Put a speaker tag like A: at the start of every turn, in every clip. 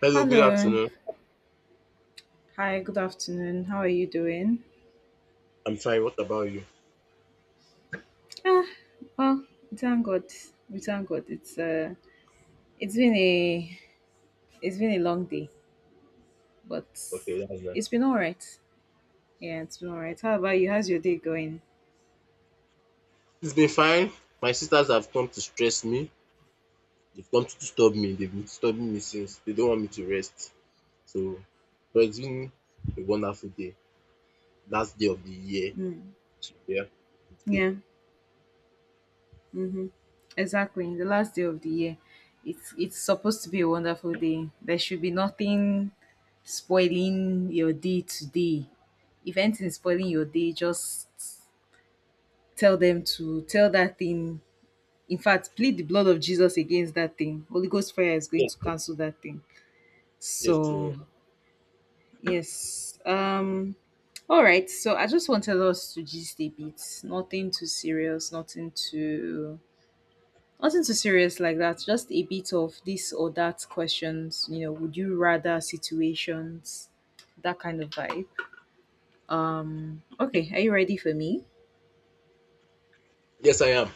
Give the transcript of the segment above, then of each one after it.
A: Hello, good
B: Hello.
A: afternoon.
B: Hi, good afternoon. How are you doing?
A: I'm fine. What about you?
B: Ah, well, we thank God. We thank God. It's it's been a it's been a long day, but
A: Okay, that's nice.
B: it's been all right. Yeah, it's been all right. How about you? How's your day going?
A: It's been fine. My sisters have come to stress me. They've come to disturb me. They've been disturbing me since. They don't want me to rest. So, but it's been a wonderful day. Last day of the year.
B: Mm.
A: So, yeah. It's good.
B: Yeah. Mm-hmm. Exactly. The last day of the year. It's supposed to be a wonderful day. There should be nothing spoiling your day today. If anything is spoiling your day, just tell them to tell that thing. In fact, plead the blood of Jesus against that thing. Holy Ghost fire is going
A: Yes,
B: to cancel that thing.
A: yes, sir.
B: So, yes. All right. So, I just wanted us to gist a bit. Nothing too serious, nothing too serious like that. Just a bit of this or that questions, would you rather situations, that kind of vibe. Okay, are you ready for me?
A: Yes, I am.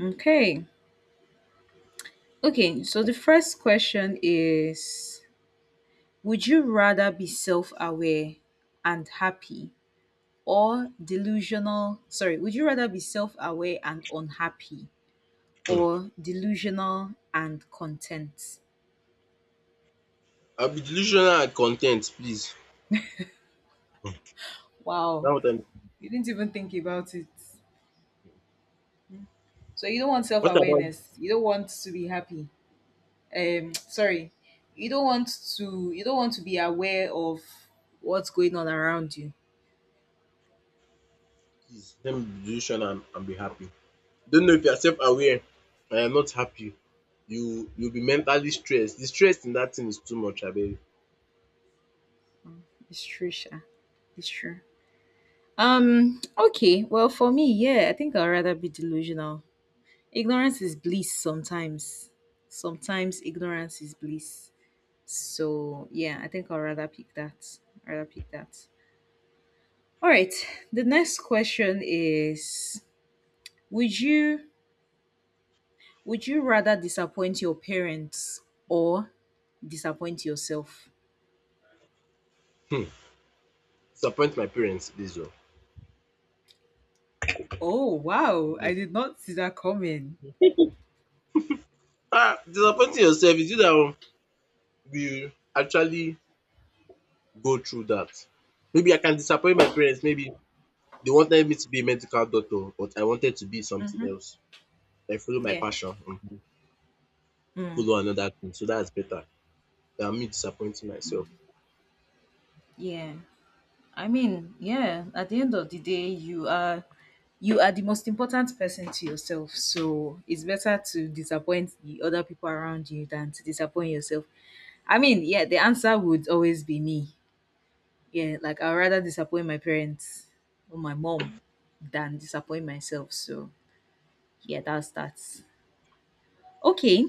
B: Okay. Okay, so the first question is: would you rather be self aware and happy or delusional? Would you rather be self aware and unhappy or delusional and content?
A: I'll be delusional and content, please. Now
B: Wow,
A: what I'm.
B: you didn't even think about it. So, you don't want self
A: What about you,
B: awareness, you don't want to be happy. Sorry, you don't want you don't want to be aware of what's going on around you.
A: please? Let me be delusional and be happy. Don't know if you are self aware and you are not happy, you'll be mentally stressed, the stress in that thing is too much, abeg.
B: It's true, Sha. It's true. Okay, well, for me, yeah, I think I'd rather be delusional. Ignorance is bliss sometimes. Sometimes ignorance is bliss. So yeah, I think I'll rather pick that. I'd rather pick that. All right. The next question is: would you would you rather disappoint your parents or disappoint yourself?
A: hmm Disappoint my parents, this one.
B: Oh wow, I did not see that coming.
A: Disappointing yourself is you that will actually go through that. Maybe I can disappoint my parents, maybe they wanted me to be a medical doctor but I wanted to be something
B: Mm-hmm.
A: else. I follow my
B: Yeah.
A: passion,
B: Mm.
A: follow another thing so that's better than me disappointing myself.
B: Yeah. I mean, yeah, at the end of the day, you are the most important person to yourself. So it's better to disappoint the other people around you than to disappoint yourself. I mean, yeah, the answer would always be me. Yeah, like I'd rather disappoint my parents or my mom than disappoint myself. So yeah, that's that. Okay.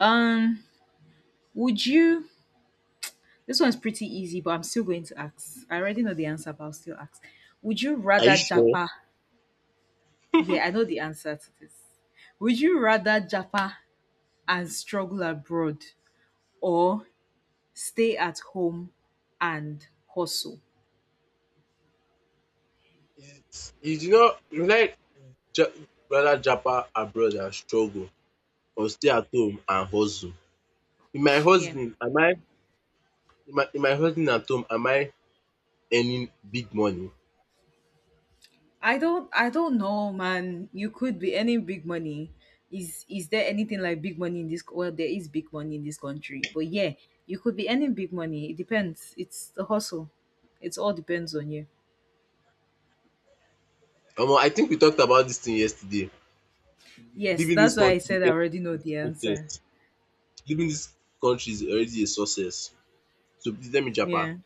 B: Um would you this one's pretty easy, but I'm still going to ask. I already know the answer, but I'll still ask. Would you
A: Are you
B: rather
A: sure?
B: japa. Yeah, I know the answer to this. Would you rather japa and struggle abroad or stay at home and hustle?
A: It's you do not you like ja rather japa abroad than struggle or stay at home and hustle? In my
B: Yeah.
A: hustling am I, in my hustling at home am I earning big money?
B: I don't know, man. You could be earning big money. Is there anything like big money in this, well, there is big money in this country. But yeah, you could be earning big money. It depends. It's the hustle. It all depends on you.
A: Omo, I think we talked about dis thing yesterday.
B: Yes,
A: Leaving dis
B: that's why I
A: country
B: said I
A: is a
B: already know the answer.
A: success. Leaving dis country is already a success. So please let me japa.
B: Yeah.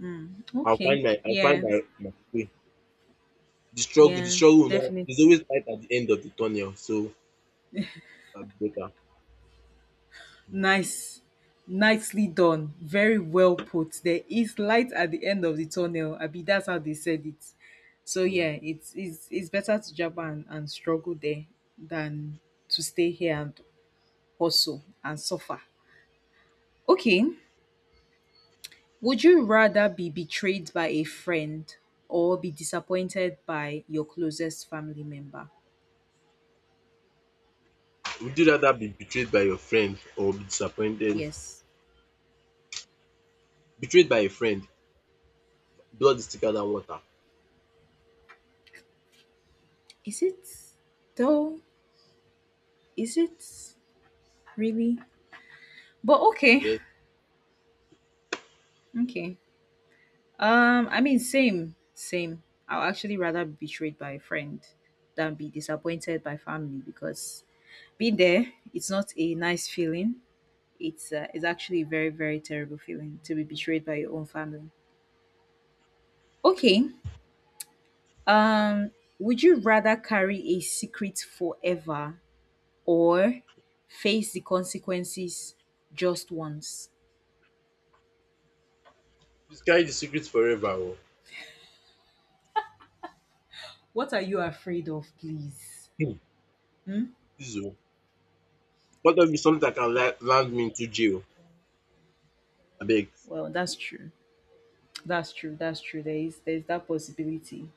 B: Mm. Okay.
A: I'll find
B: Yeah.
A: my way. The struggle the
B: Yeah.
A: struggle will not there's
B: Definitely.
A: always light at the end of the tunnel, so that'll be better.
B: Nice. Nicely done. Very well put. There is light at the end of the tunnel. I mean, that's how they said it. So
A: um
B: yeah, it's it's better to jab and struggle there than to stay here and hustle and suffer. Okay. Would you rather be betrayed by a friend or be disappointed by your closest family member?
A: Would you rather be betrayed by your friend or be disappointed?
B: Yes.
A: Betrayed by a friend. Blood is thicker than water?
B: Is it though? Is it really? But okay.
A: Yes.
B: Okay. I mean, same. I'll actually rather be betrayed by a friend than be disappointed by family because being there, it's not a nice feeling. It's actually a very very terrible feeling to be betrayed by your own family. Okay. Um, would you rather carry a secret forever or face the consequences just once?
A: Please carry the secret forever oo.
B: What are you afraid of, please?
A: um
B: Hmm?
A: Please oo. Cut off with something that can
B: Wh-
A: la land me into jail. I beg.
B: Well, that's true. That's true. That's true. There's that possibility.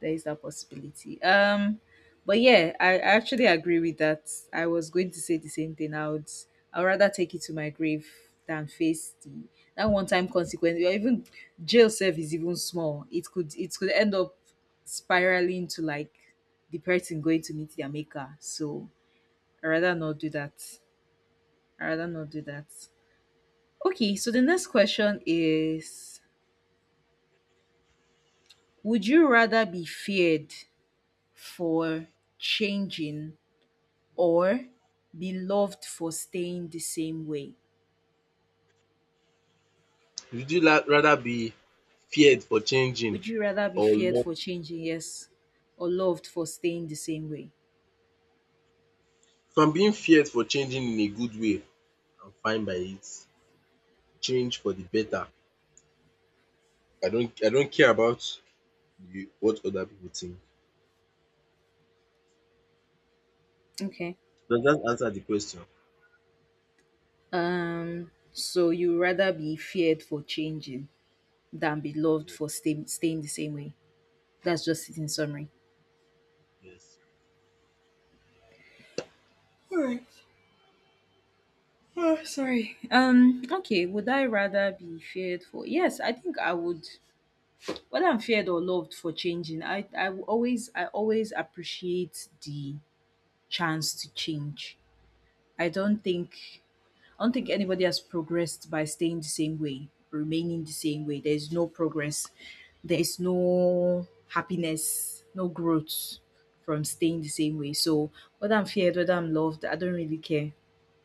B: There is that possibility. But yeah, I actually agree with that. I was going to say the same thing. I'd rather take it to my grave than face the that one time consequence. Or even jail self is even small. It could end up spiraling to like the person going to meet their maker. So I'd rather not do that. I'd rather not do that. Okay, so the next question is: would you rather be feared for changing or be loved for staying the same way?
A: Would you la rather be feared for changing
B: Would you rather be
A: or
B: feared
A: loved?
B: for changing, yes, or loved for staying the same way?
A: From being feared for changing in a good way, I'm fine by it. Change for the better. I don't care about the what other people think.
B: Okay.
A: Does dat answer the question?
B: So you rather be feared for changing than be loved
A: Ye-
B: for staying the same way. That's just it in summary.
A: Yes.
B: Alright. Oh, sorry. Okay. Would I rather be feared for? Yes, I think I would. Whether I'm feared or loved for changing, I will always I always appreciate the chance to change. I don't think I don't think anybody has progressed by staying the same way, remaining the same way. There's no progress. There's no happiness, no growth from staying the same way. So whether I'm feared, whether I'm loved, I don't really care.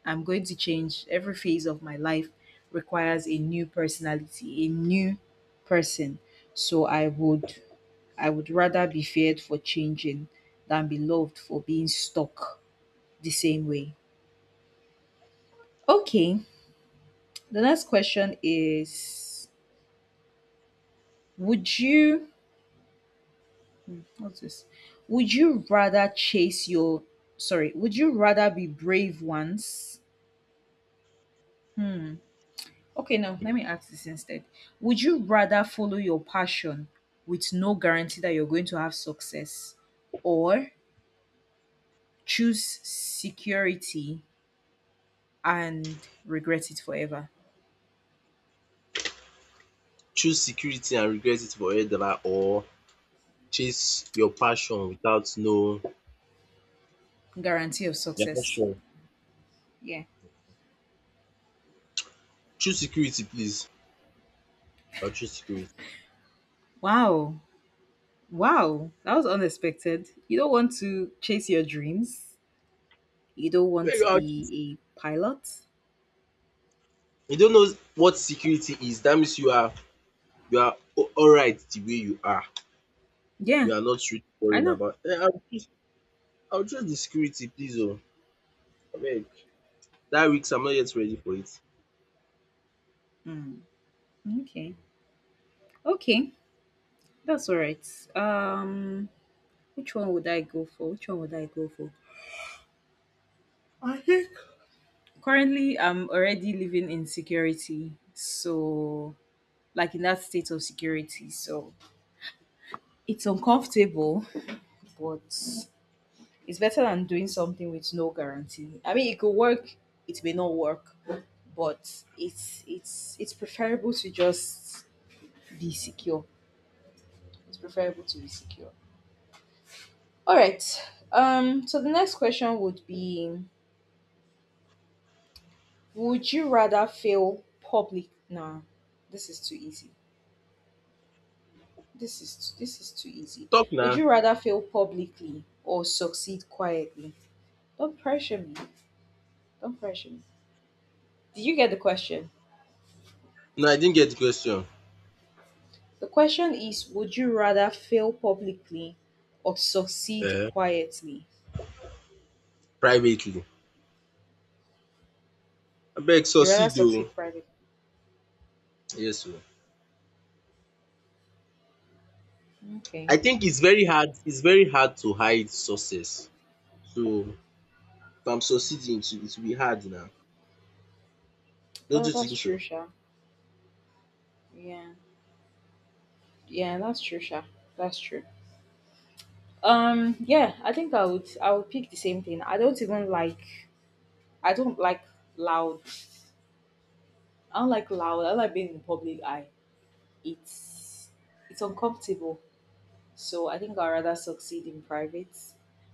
B: I'm going to change. Every phase of my life requires a new personality, a new person. So I would rather be feared for changing than be loved for being stuck the same way. Okay, the next question is: would you, what's this? Would you rather chase your, sorry, would you rather be brave once, hmm, okay, now
A: Yeah.
B: let me ask this instead. Would you rather follow your passion with no guarantee that you're going to have success or choose security and regret it forever?
A: Choose security and regret it forever or chase your passion without no
B: Guarantee of
A: your
B: success.
A: passion.
B: Yeah.
A: Choose security, please. I'll choose security.
B: Wow. Wow. That was unexpected. You don't want to chase your dreams, you don't want
A: When you
B: to
A: are
B: be a pilot.
A: You don't know what security is, that means you are alright the way you are, you
B: Yeah,
A: are not really
B: I
A: worrying
B: know.
A: about. I will just the security please oo, abeg. That risk, I'm not yet ready for it.
B: Mm, okay. Okay. That's all right. Um Which one would I go for? Which one would I go for? Currently, I'm already living in security. So, like in that state of security. So, it's uncomfortable, but it's better than doing something with no guarantee. I mean, it could work, it may not work, but it's it's preferable to just be secure. It's preferable to be secure. All right. So the next question would be: would you rather fail public? Nah, this is too easy. This is too easy.
A: Talk
B: Would
A: now.
B: you rather fail publicly or succeed quietly? Don't pressure me. Don't pressure me. Did you get the question?
A: No, I didn't get the question.
B: The question is: would you rather fail publicly or succeed
A: um
B: quietly?
A: Privately, abeg,
B: You rather
A: succeed oh.
B: succeed privately.
A: Yes oo. I
B: Okay.
A: think it's very hard to hide success, so if I'm succeeding it will be hard now. Don't
B: Well,
A: you
B: that's
A: think
B: true,
A: so?
B: Sha. Yeah. Yeah, that's true, Sha. That's true. Yeah, I think I would pick the same thing. I don't like loud. I don't like loud. I don't like being in public eye. It's it's uncomfortable. So I think I'd rather succeed in private.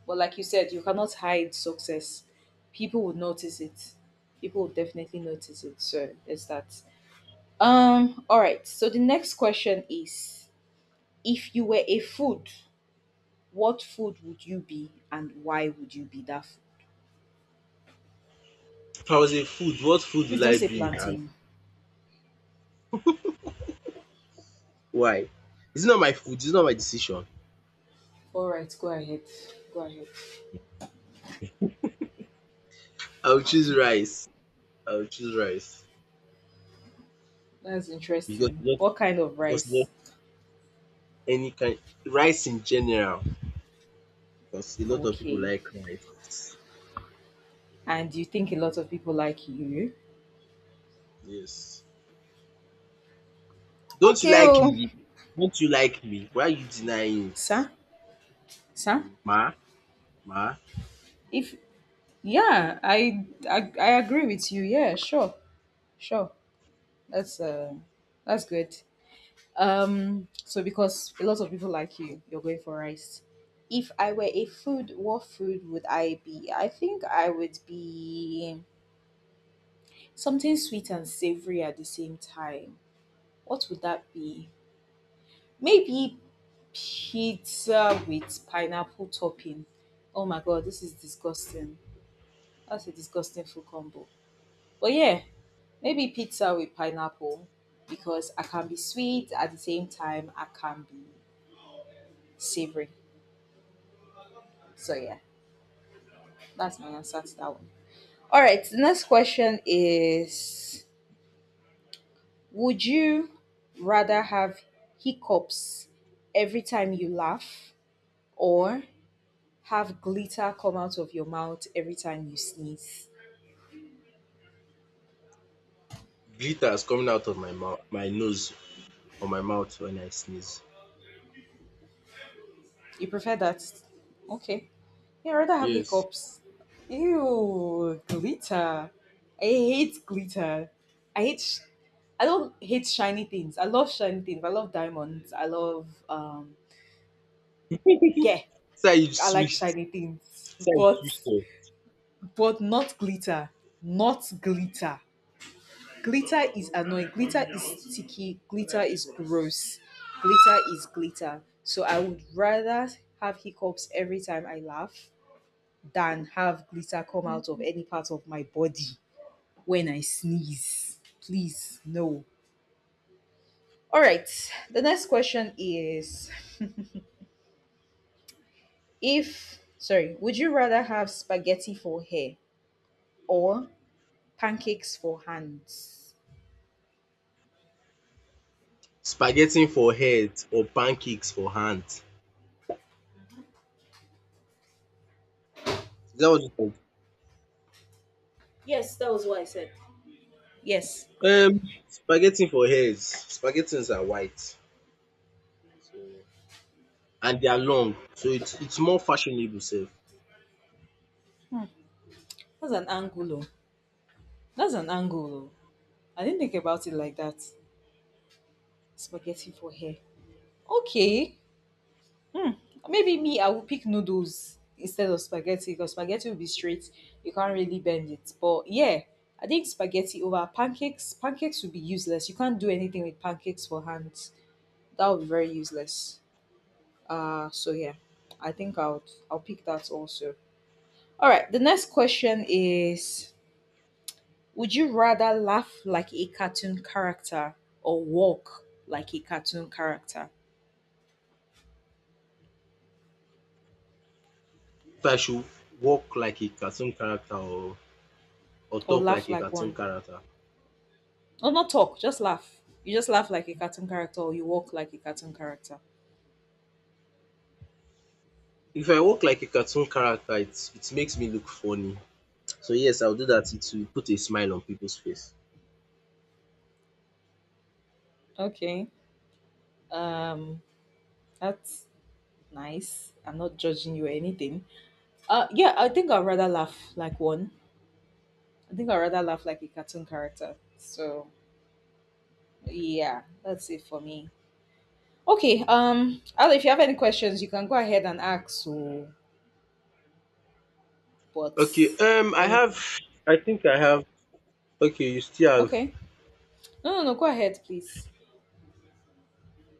B: But like you said, you cannot hide success. People would notice it. People would definitely notice it. So there's that. All right. So the next question is: if you were a food, what food would you be and why would you be that food?
A: If I was a food, what food
B: Please
A: will
B: don't
A: I
B: say
A: be and?
B: plantain.
A: Why? It's not my food, it's not my decision.
B: All right, go ahead. Go ahead.
A: I will choose rice. I will choose rice
B: That's
A: because
B: interesting.
A: not
B: What kind of
A: because not
B: rice?
A: any kind, rice in general, because a lot of people
B: Okay.
A: like rice.
B: And do you think a lot of people like you?
A: Yes. Don't you
B: Okay,
A: like
B: oh.
A: me? Don't you like me? Why are you denying it?
B: Sir? Sir?
A: Mm, ma, ma,
B: If Yeah, I agree with you. Yeah, sure. Sure. That's uh that's good. So because a lot of people like you, you're going for rice. If I were a food, what food would I be? I think I would be something sweet and savory at the same time. What would that be? Maybe pizza with pineapple topping. Oh my god, this is disgusting. That's a disgusting food combo. But yeah, maybe pizza with pineapple because I can be sweet at the same time I can be savory. So yeah, that's my answer to that one. All right, the next question is: would you rather have hiccups every time you laugh or have glitter come out of your mouth every time you sneeze?
A: glitter is coming out of my mouth, my nose or my mouth when I sneeze.
B: You prefer that? Okay. Yeah, I'd rather have
A: Yes.
B: hiccups. Ew, glitter. I hate glitter. I hate. Sh- I don't hate shiny things. I love shiny things. I love diamonds. I love. Yeah,
A: So you
B: I like
A: twist.
B: shiny things,
A: So
B: but
A: you twist.
B: not glitter. Not glitter. Glitter is annoying. Glitter is sticky. Glitter is gross. Glitter is glitter. So I would rather have hiccups every time I laugh than have glitter come out of any part of my body when I sneeze. Please, no. All right. The next question is if, sorry, would you rather have spaghetti for hair or pancakes for hands?
A: Spaghetti for head or pancakes for hand? Is that what you
B: Yes, that was what I said. Yes,
A: Um, spaghetti for hairs. Spaghettis are white. So and they are long. So it's more fashionable sef.
B: that's an angulo. That's an angulo. I didn't think about it like that. Spaghetti for hair. Okay. Hmm. Maybe me, I would pick noodles instead of spaghetti because spaghetti will be straight. You can't really bend it. But yeah, I think spaghetti over pancakes. Pancakes would be useless. You can't do anything with pancakes for hands. That would be very useless. So yeah, I think I'll pick that also. All right. The next question is: would you rather laugh like a cartoon character or walk like a cartoon character,
A: If I should walk like a cartoon character or
B: or
A: talk like
B: laugh
A: a
B: like
A: cartoon
B: one?
A: character.
B: Or not talk, just laugh. You just laugh like a cartoon character or you walk like a cartoon character.
A: If I walk like a cartoon character, it makes me look funny. So yes, I'll do that. It will put a smile on people's face.
B: Okay. Um that's nice. I'm not judging you or anything. Yeah, I think I'd rather laugh like one. I think I'd rather laugh like a cartoon character. So yeah, that's it for me. Okay, Al, if you have any questions you can go ahead and ask, so, but
A: Okay,
B: let me—
A: I think I have. Okay, you still have
B: Okay. No, no, no, go ahead please.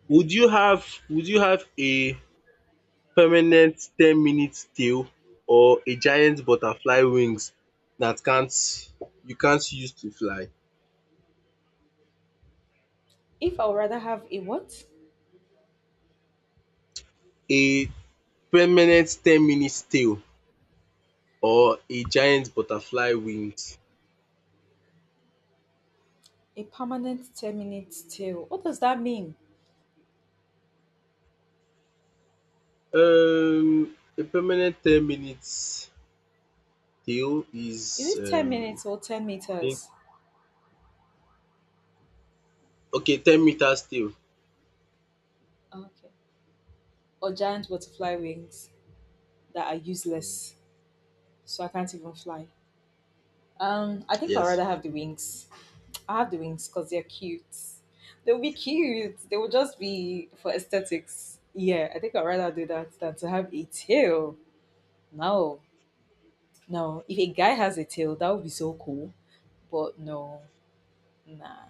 A: would you have a permanent 10 minute tail or a giant butterfly wings that can't you can't use to fly.
B: If I would rather have a what?
A: A permanent 10 minute tail or a giant butterfly wings.
B: A permanent 10-minute minute tail. What does that mean?
A: A permanent 10 minutes tail is
B: Is it 10 minutes or 10
A: I think-
B: meters?
A: okay, 10 meters tail.
B: Okay. Or giant butterfly wings that are
A: Mm,
B: useless, so I can't even fly. I think I'd
A: yes,
B: rather have the wings. I have the wings because they're cute. They'll be cute. They will just be for aesthetics. Yeah, I think I'd rather do that than to have a tail. No, no. If a guy has a tail, that would be so cool. But no, nah.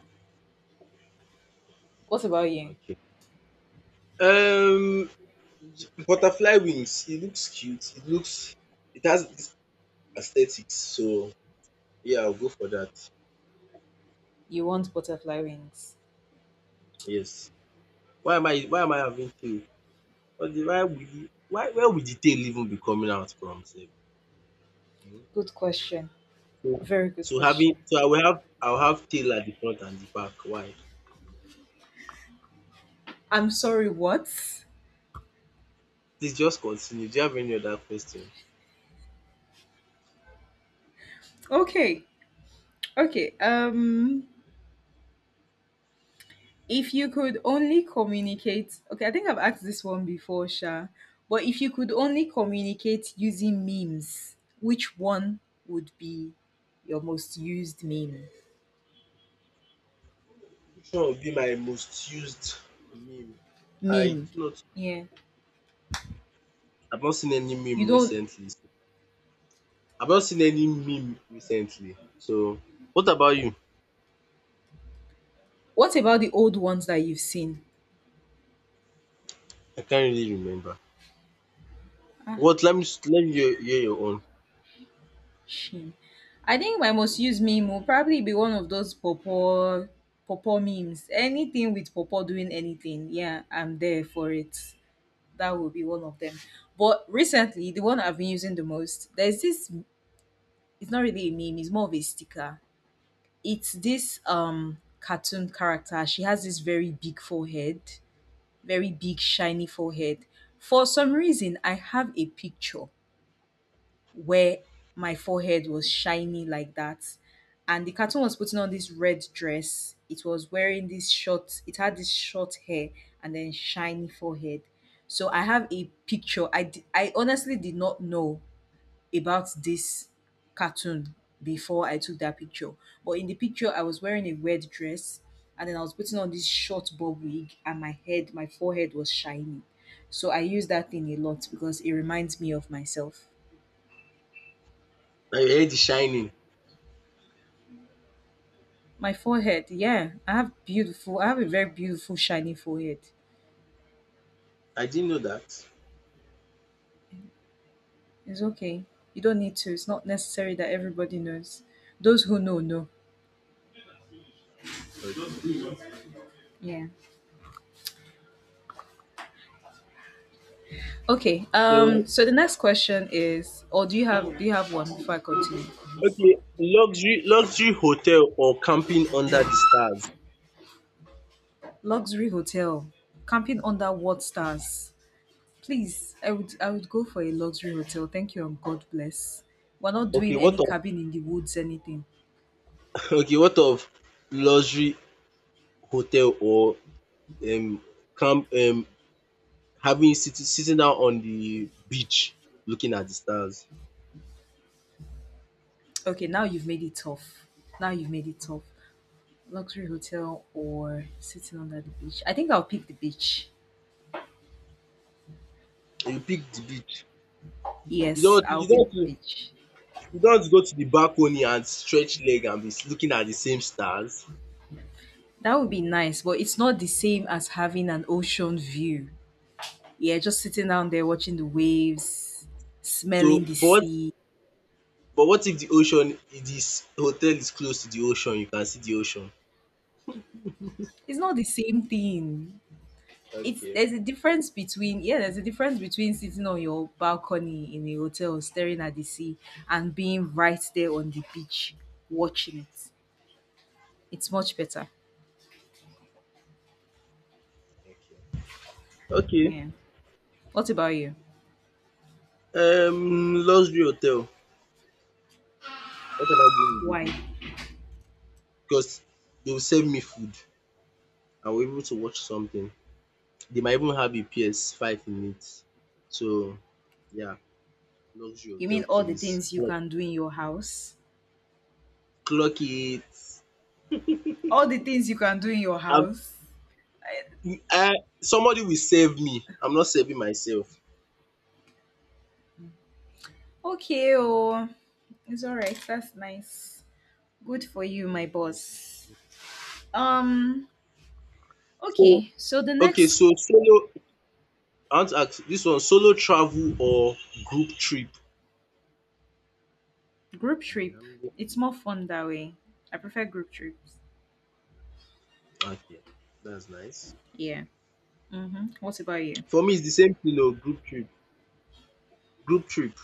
B: What about you?
A: okay. Um butterfly wings, it looks cute, it has this aesthetics, so yeah, I'll go for that.
B: You want butterfly wings?
A: Yes. Why am I having tail? What the why would the why where would the tail even be coming out from sef? um
B: Good question.
A: So
B: Very good
A: having,
B: question.
A: so I will have, I will have tail at the front and the back. Why?
B: I'm sorry, what?
A: Please just continue. Do you have any other question?
B: Okay, okay. If you could only communicate, okay, I think I've asked this one before, Sha, but if you could only communicate using memes, which one would be your most used meme?
A: Which one would be my most used meme? I
B: Meme.
A: do not
B: Yeah.
A: I've not seen any
B: You
A: meme
B: don't—
A: recently. So I've not seen any meme recently. So what about you?
B: what about the old ones that you've seen?
A: I can't really remember. What let me hear your own.
B: Hmm. I think my most used meme will probably be one of those pawpaw memes. Anything with pawpaw doing anything, yeah, I'm there for it. That will be one of them. But recently, the one I've been using the most, there's this. It's not really a meme. It's more of a sticker. It's this cartoon character. She has this very big forehead, very big shiny forehead. For some reason, I have a picture where my forehead was shiny like that. And the cartoon was putting on this red dress. It was wearing this short, it had this short hair and then shiny forehead. So I have a picture. I honestly did not know about this cartoon before I took that picture. But in the picture, I was wearing a red dress and then I was putting on this short bob wig and my forehead was shiny. So I use that thing a lot because it reminds me of myself.
A: I heard the shining.
B: My forehead, yeah. I have a very beautiful shiny forehead.
A: I didn't know that.
B: It's okay. You don't need to. It's not necessary that everybody knows. Those who know, know.
A: Okay.
B: Yeah. Okay. Um
A: So,
B: so the next question is, or do you have one before I continue?
A: okay, luxury hotel or camping under the stars.
B: Luxury hotel. Camping under what stars? Please, I would go for a luxury hotel. Thank you and God bless. We're not
A: Okay,
B: doing
A: what
B: any
A: of
B: cabin in the woods, anything.
A: okay, what of luxury hotel or um camp having, sitting down on the beach looking at the stars.
B: Okay, now you've made it tough. Now you've made it tough. Luxury hotel or sitting under the beach? I think I'll pick the beach.
A: You pick the beach. You
B: Yes,
A: don't
B: I'll
A: you
B: pick
A: don't
B: the
A: you
B: beach.
A: don't go to the balcony and stretch leg and be looking at the same stars.
B: That would be nice, but it's not the same as having an ocean view. Yeah, just sitting down there watching the waves,
A: So,
B: smelling the
A: but
B: sea.
A: but what if the ocean this hotel is close to the ocean? You can see the ocean.
B: It's not the same thing. It's
A: Okay,
B: There's a difference between, yeah, there's a difference between sitting on your balcony in a hotel staring at the sea and being right there on the beach watching it. It's much better.
A: okay. Okay.
B: Yeah. What about you?
A: Luxury hotel. What am I doing with
B: Why?
A: the? Because they will serve me food. I will be able to watch something. They might even have a PS5 in it. So yeah, luxury
B: You mean
A: hotel,
B: all the
A: please.
B: things you
A: Like
B: can do in your house?
A: clock it.
B: All the things you can do in your
A: I'm,
B: house?
A: I, somebody will save me. I'm not saving myself.
B: Okay,
A: Yeah.
B: oh, it's all right. That's nice. Good for you, my boss. Um,
A: So
B: okay. So the
A: okay,
B: next—
A: so solo. I want to ask this one: solo travel or group trip?
B: Group trip, it's more fun that way. I prefer group trips.
A: Okay, that's nice.
B: Yeah. Mhm. What about you?
A: For me, it's the same thing. Oh, group trip. Group trip,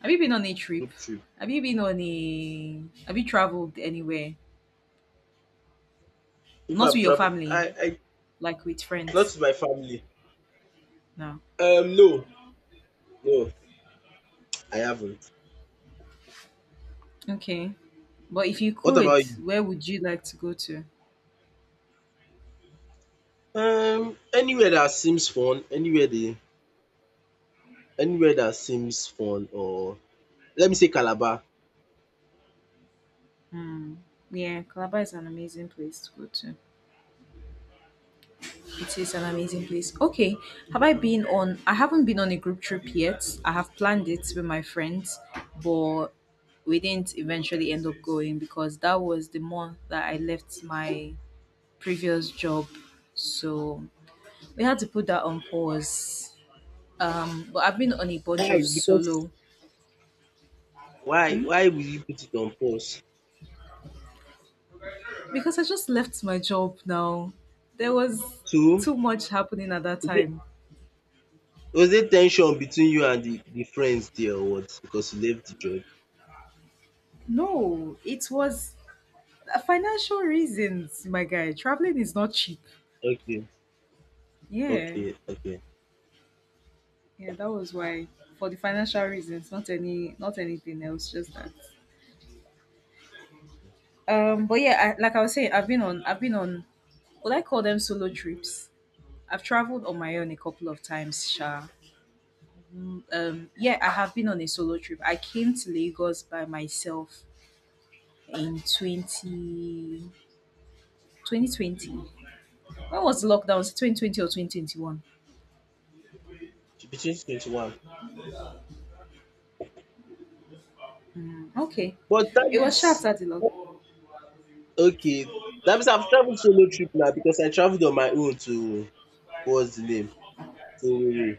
B: Have you been on a trip?
A: group trip.
B: Have you been on a? Have you traveled anywhere?
A: If
B: Not with
A: I've
B: your
A: traveled,
B: family,
A: I
B: like with
A: not
B: friends.
A: with my family.
B: No.
A: No, no, I haven't.
B: Okay. But if you
A: What
B: could,
A: about you?
B: where would you like to go to?
A: Anywhere that seems fun, anywhere that seems fun, or let me say Calabar.
B: Yeah, Calabar is an amazing place to go to. It is an amazing place. Okay. Have I been on I haven't been on a group trip yet. I have planned it with my friends, but we didn't eventually end up going because that was the month that I left my previous job. So we had to put that on pause. But I've been on a bunch of
A: Why? Because
B: solo—
A: why? Why will you put it on pause?
B: Because I just left my job now. There was
A: Two,
B: too much happening at that
A: is it,
B: time.
A: was there tension between you and the friends there or what? Because you left the job.
B: No, it was financial reasons, my guy. Traveling is not cheap.
A: Okay,
B: Yeah.
A: okay, okay.
B: Yeah, that was why. For the financial reasons, not any— not anything else, just that. But yeah, I, like I was saying, I've been on— would I call them solo trips? I've traveled on my own a couple of times, Sha. Yeah, I have been on a solo trip. I came to Lagos by myself in twenty twenty twenty. When was the lockdown? Was it 2020 or 2021?
A: Between 21.
B: Mm, okay.
A: But that
B: It was sharp
A: means
B: after the lockdown.
A: Okay, that means I've traveled solo trip now because I traveled on my own to what's the name? To Owerri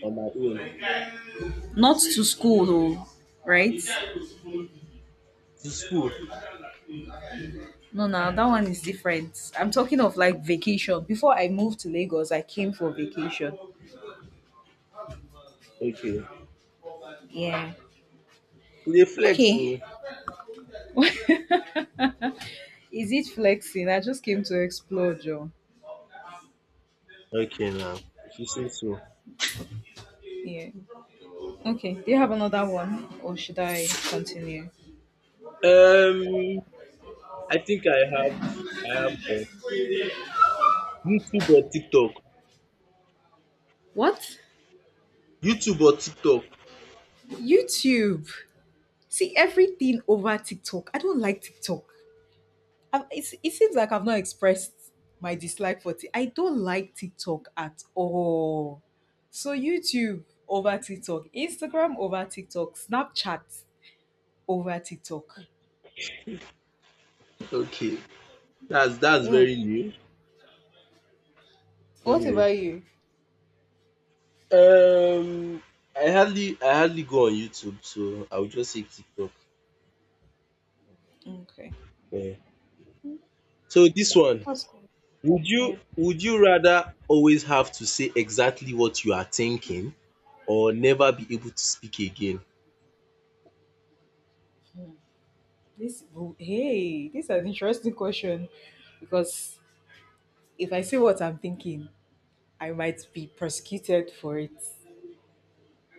A: on my own
B: Not to school though, right?
A: to school.
B: No, no, that one is different. I'm talking of like vacation. Before I moved to Lagos, I came for vacation.
A: Okay,
B: Yeah.
A: you dey flex o.
B: Okay. Is it flexing? I just came to explore, Joe.
A: Okay now, if you say so.
B: Yeah. Okay. Do you have another one, or should I continue?
A: Um, I think I have one. YouTube or TikTok?
B: What?
A: YouTube or TikTok?
B: YouTube. See everything over TikTok. I don't like TikTok. It seems like I've not expressed my dislike for it. I don't like TikTok at all. So YouTube over TikTok, Instagram over TikTok, Snapchat over TikTok.
A: Okay, that's
B: Yeah.
A: very new.
B: What
A: Anyway,
B: about you?
A: um, I hardly go on YouTube, so I would just say TikTok.
B: Okay.
A: Yeah. So this one.
B: That's cool.
A: Would
B: Yeah.
A: you would you rather always have to say exactly what you are thinking or never be able to speak again?
B: This Oh, hey, this is an interesting question because if I say what I'm thinking, I might be prosecuted for it,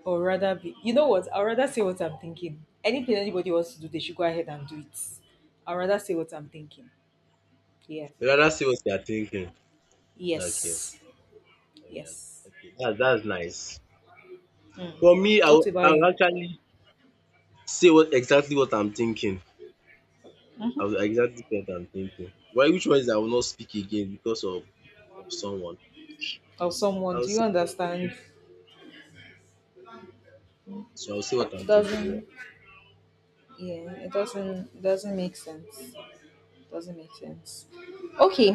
B: or rather, be you know what? I'd rather say what I'm thinking. Anything anybody wants to do, they should go ahead and do it. I'd rather say what I'm thinking. Yeah.
A: You rather say what you are thinking. Okay.
B: Yes.
A: Oh yeah.
B: Yes.
A: Okay. That's nice. For me, I
B: What
A: will,
B: about
A: I will
B: you?
A: actually say what exactly what I'm thinking. I will exactly say what I'm thinking. Why which one is I will not speak again because of someone?
B: Or someone?
A: I'll
B: Do you
A: say
B: understand?
A: So I'll say what I'm
B: It
A: thinking.
B: doesn't. Yeah. It doesn't. It doesn't make sense. Doesn't make sense. Okay.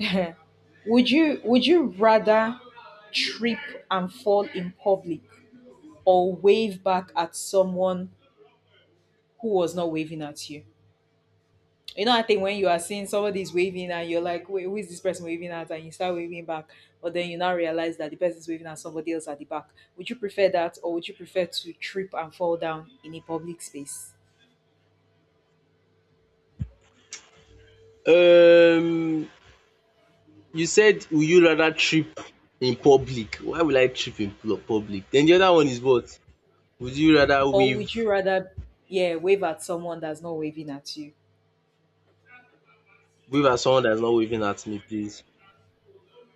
B: Would you rather trip and fall in public or wave back at someone who was not waving at you? You know, I think when you are seeing somebody is waving and you're like, wait, who is this person waving at? And you start waving back, but then you now realize that the person is waving at somebody else at the back. Would you prefer that or would you prefer to trip and fall down in a public space?
A: Yeah. Um You said would you rather trip in public. Why will I trip in public? Then the other one is what? Would you rather
B: Or would
A: wave
B: you rather, yeah, wave at someone that's not waving at you?
A: wave at someone that is not waving at me please?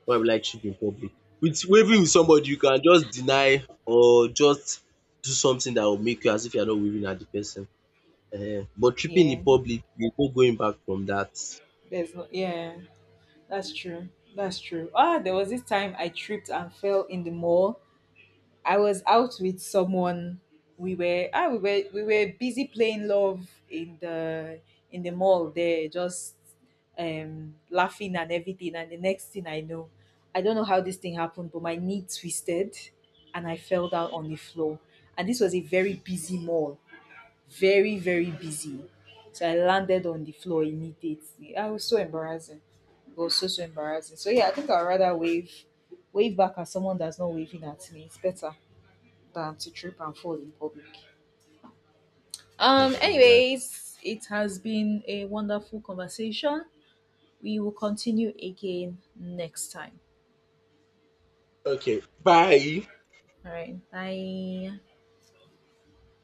A: Why will I trip in public? With waving with somebody you can just deny or just do something that will make you as if you are not waving at the person, but tripping in
B: Yeah,
A: public there is no going back from dat.
B: there's no, yeah. That's true. That's true. Ah, there was this time I tripped and fell in the mall. I was out with someone. We were ah, we were busy playing love in the mall there, just laughing and everything. And the next thing I know, I don't know how this thing happened, but my knee twisted and I fell down on the floor. And this was a very busy mall, very, very busy. So I landed on the floor immediately. I was so embarrassing. It was so so embarrassing. So yeah, I think I'd rather wave back at someone that's not waving at me. It's better than to trip and fall in public. Anyways, it has been a wonderful conversation. We will continue again next time.
A: Okay, bye.
B: All right. Bye.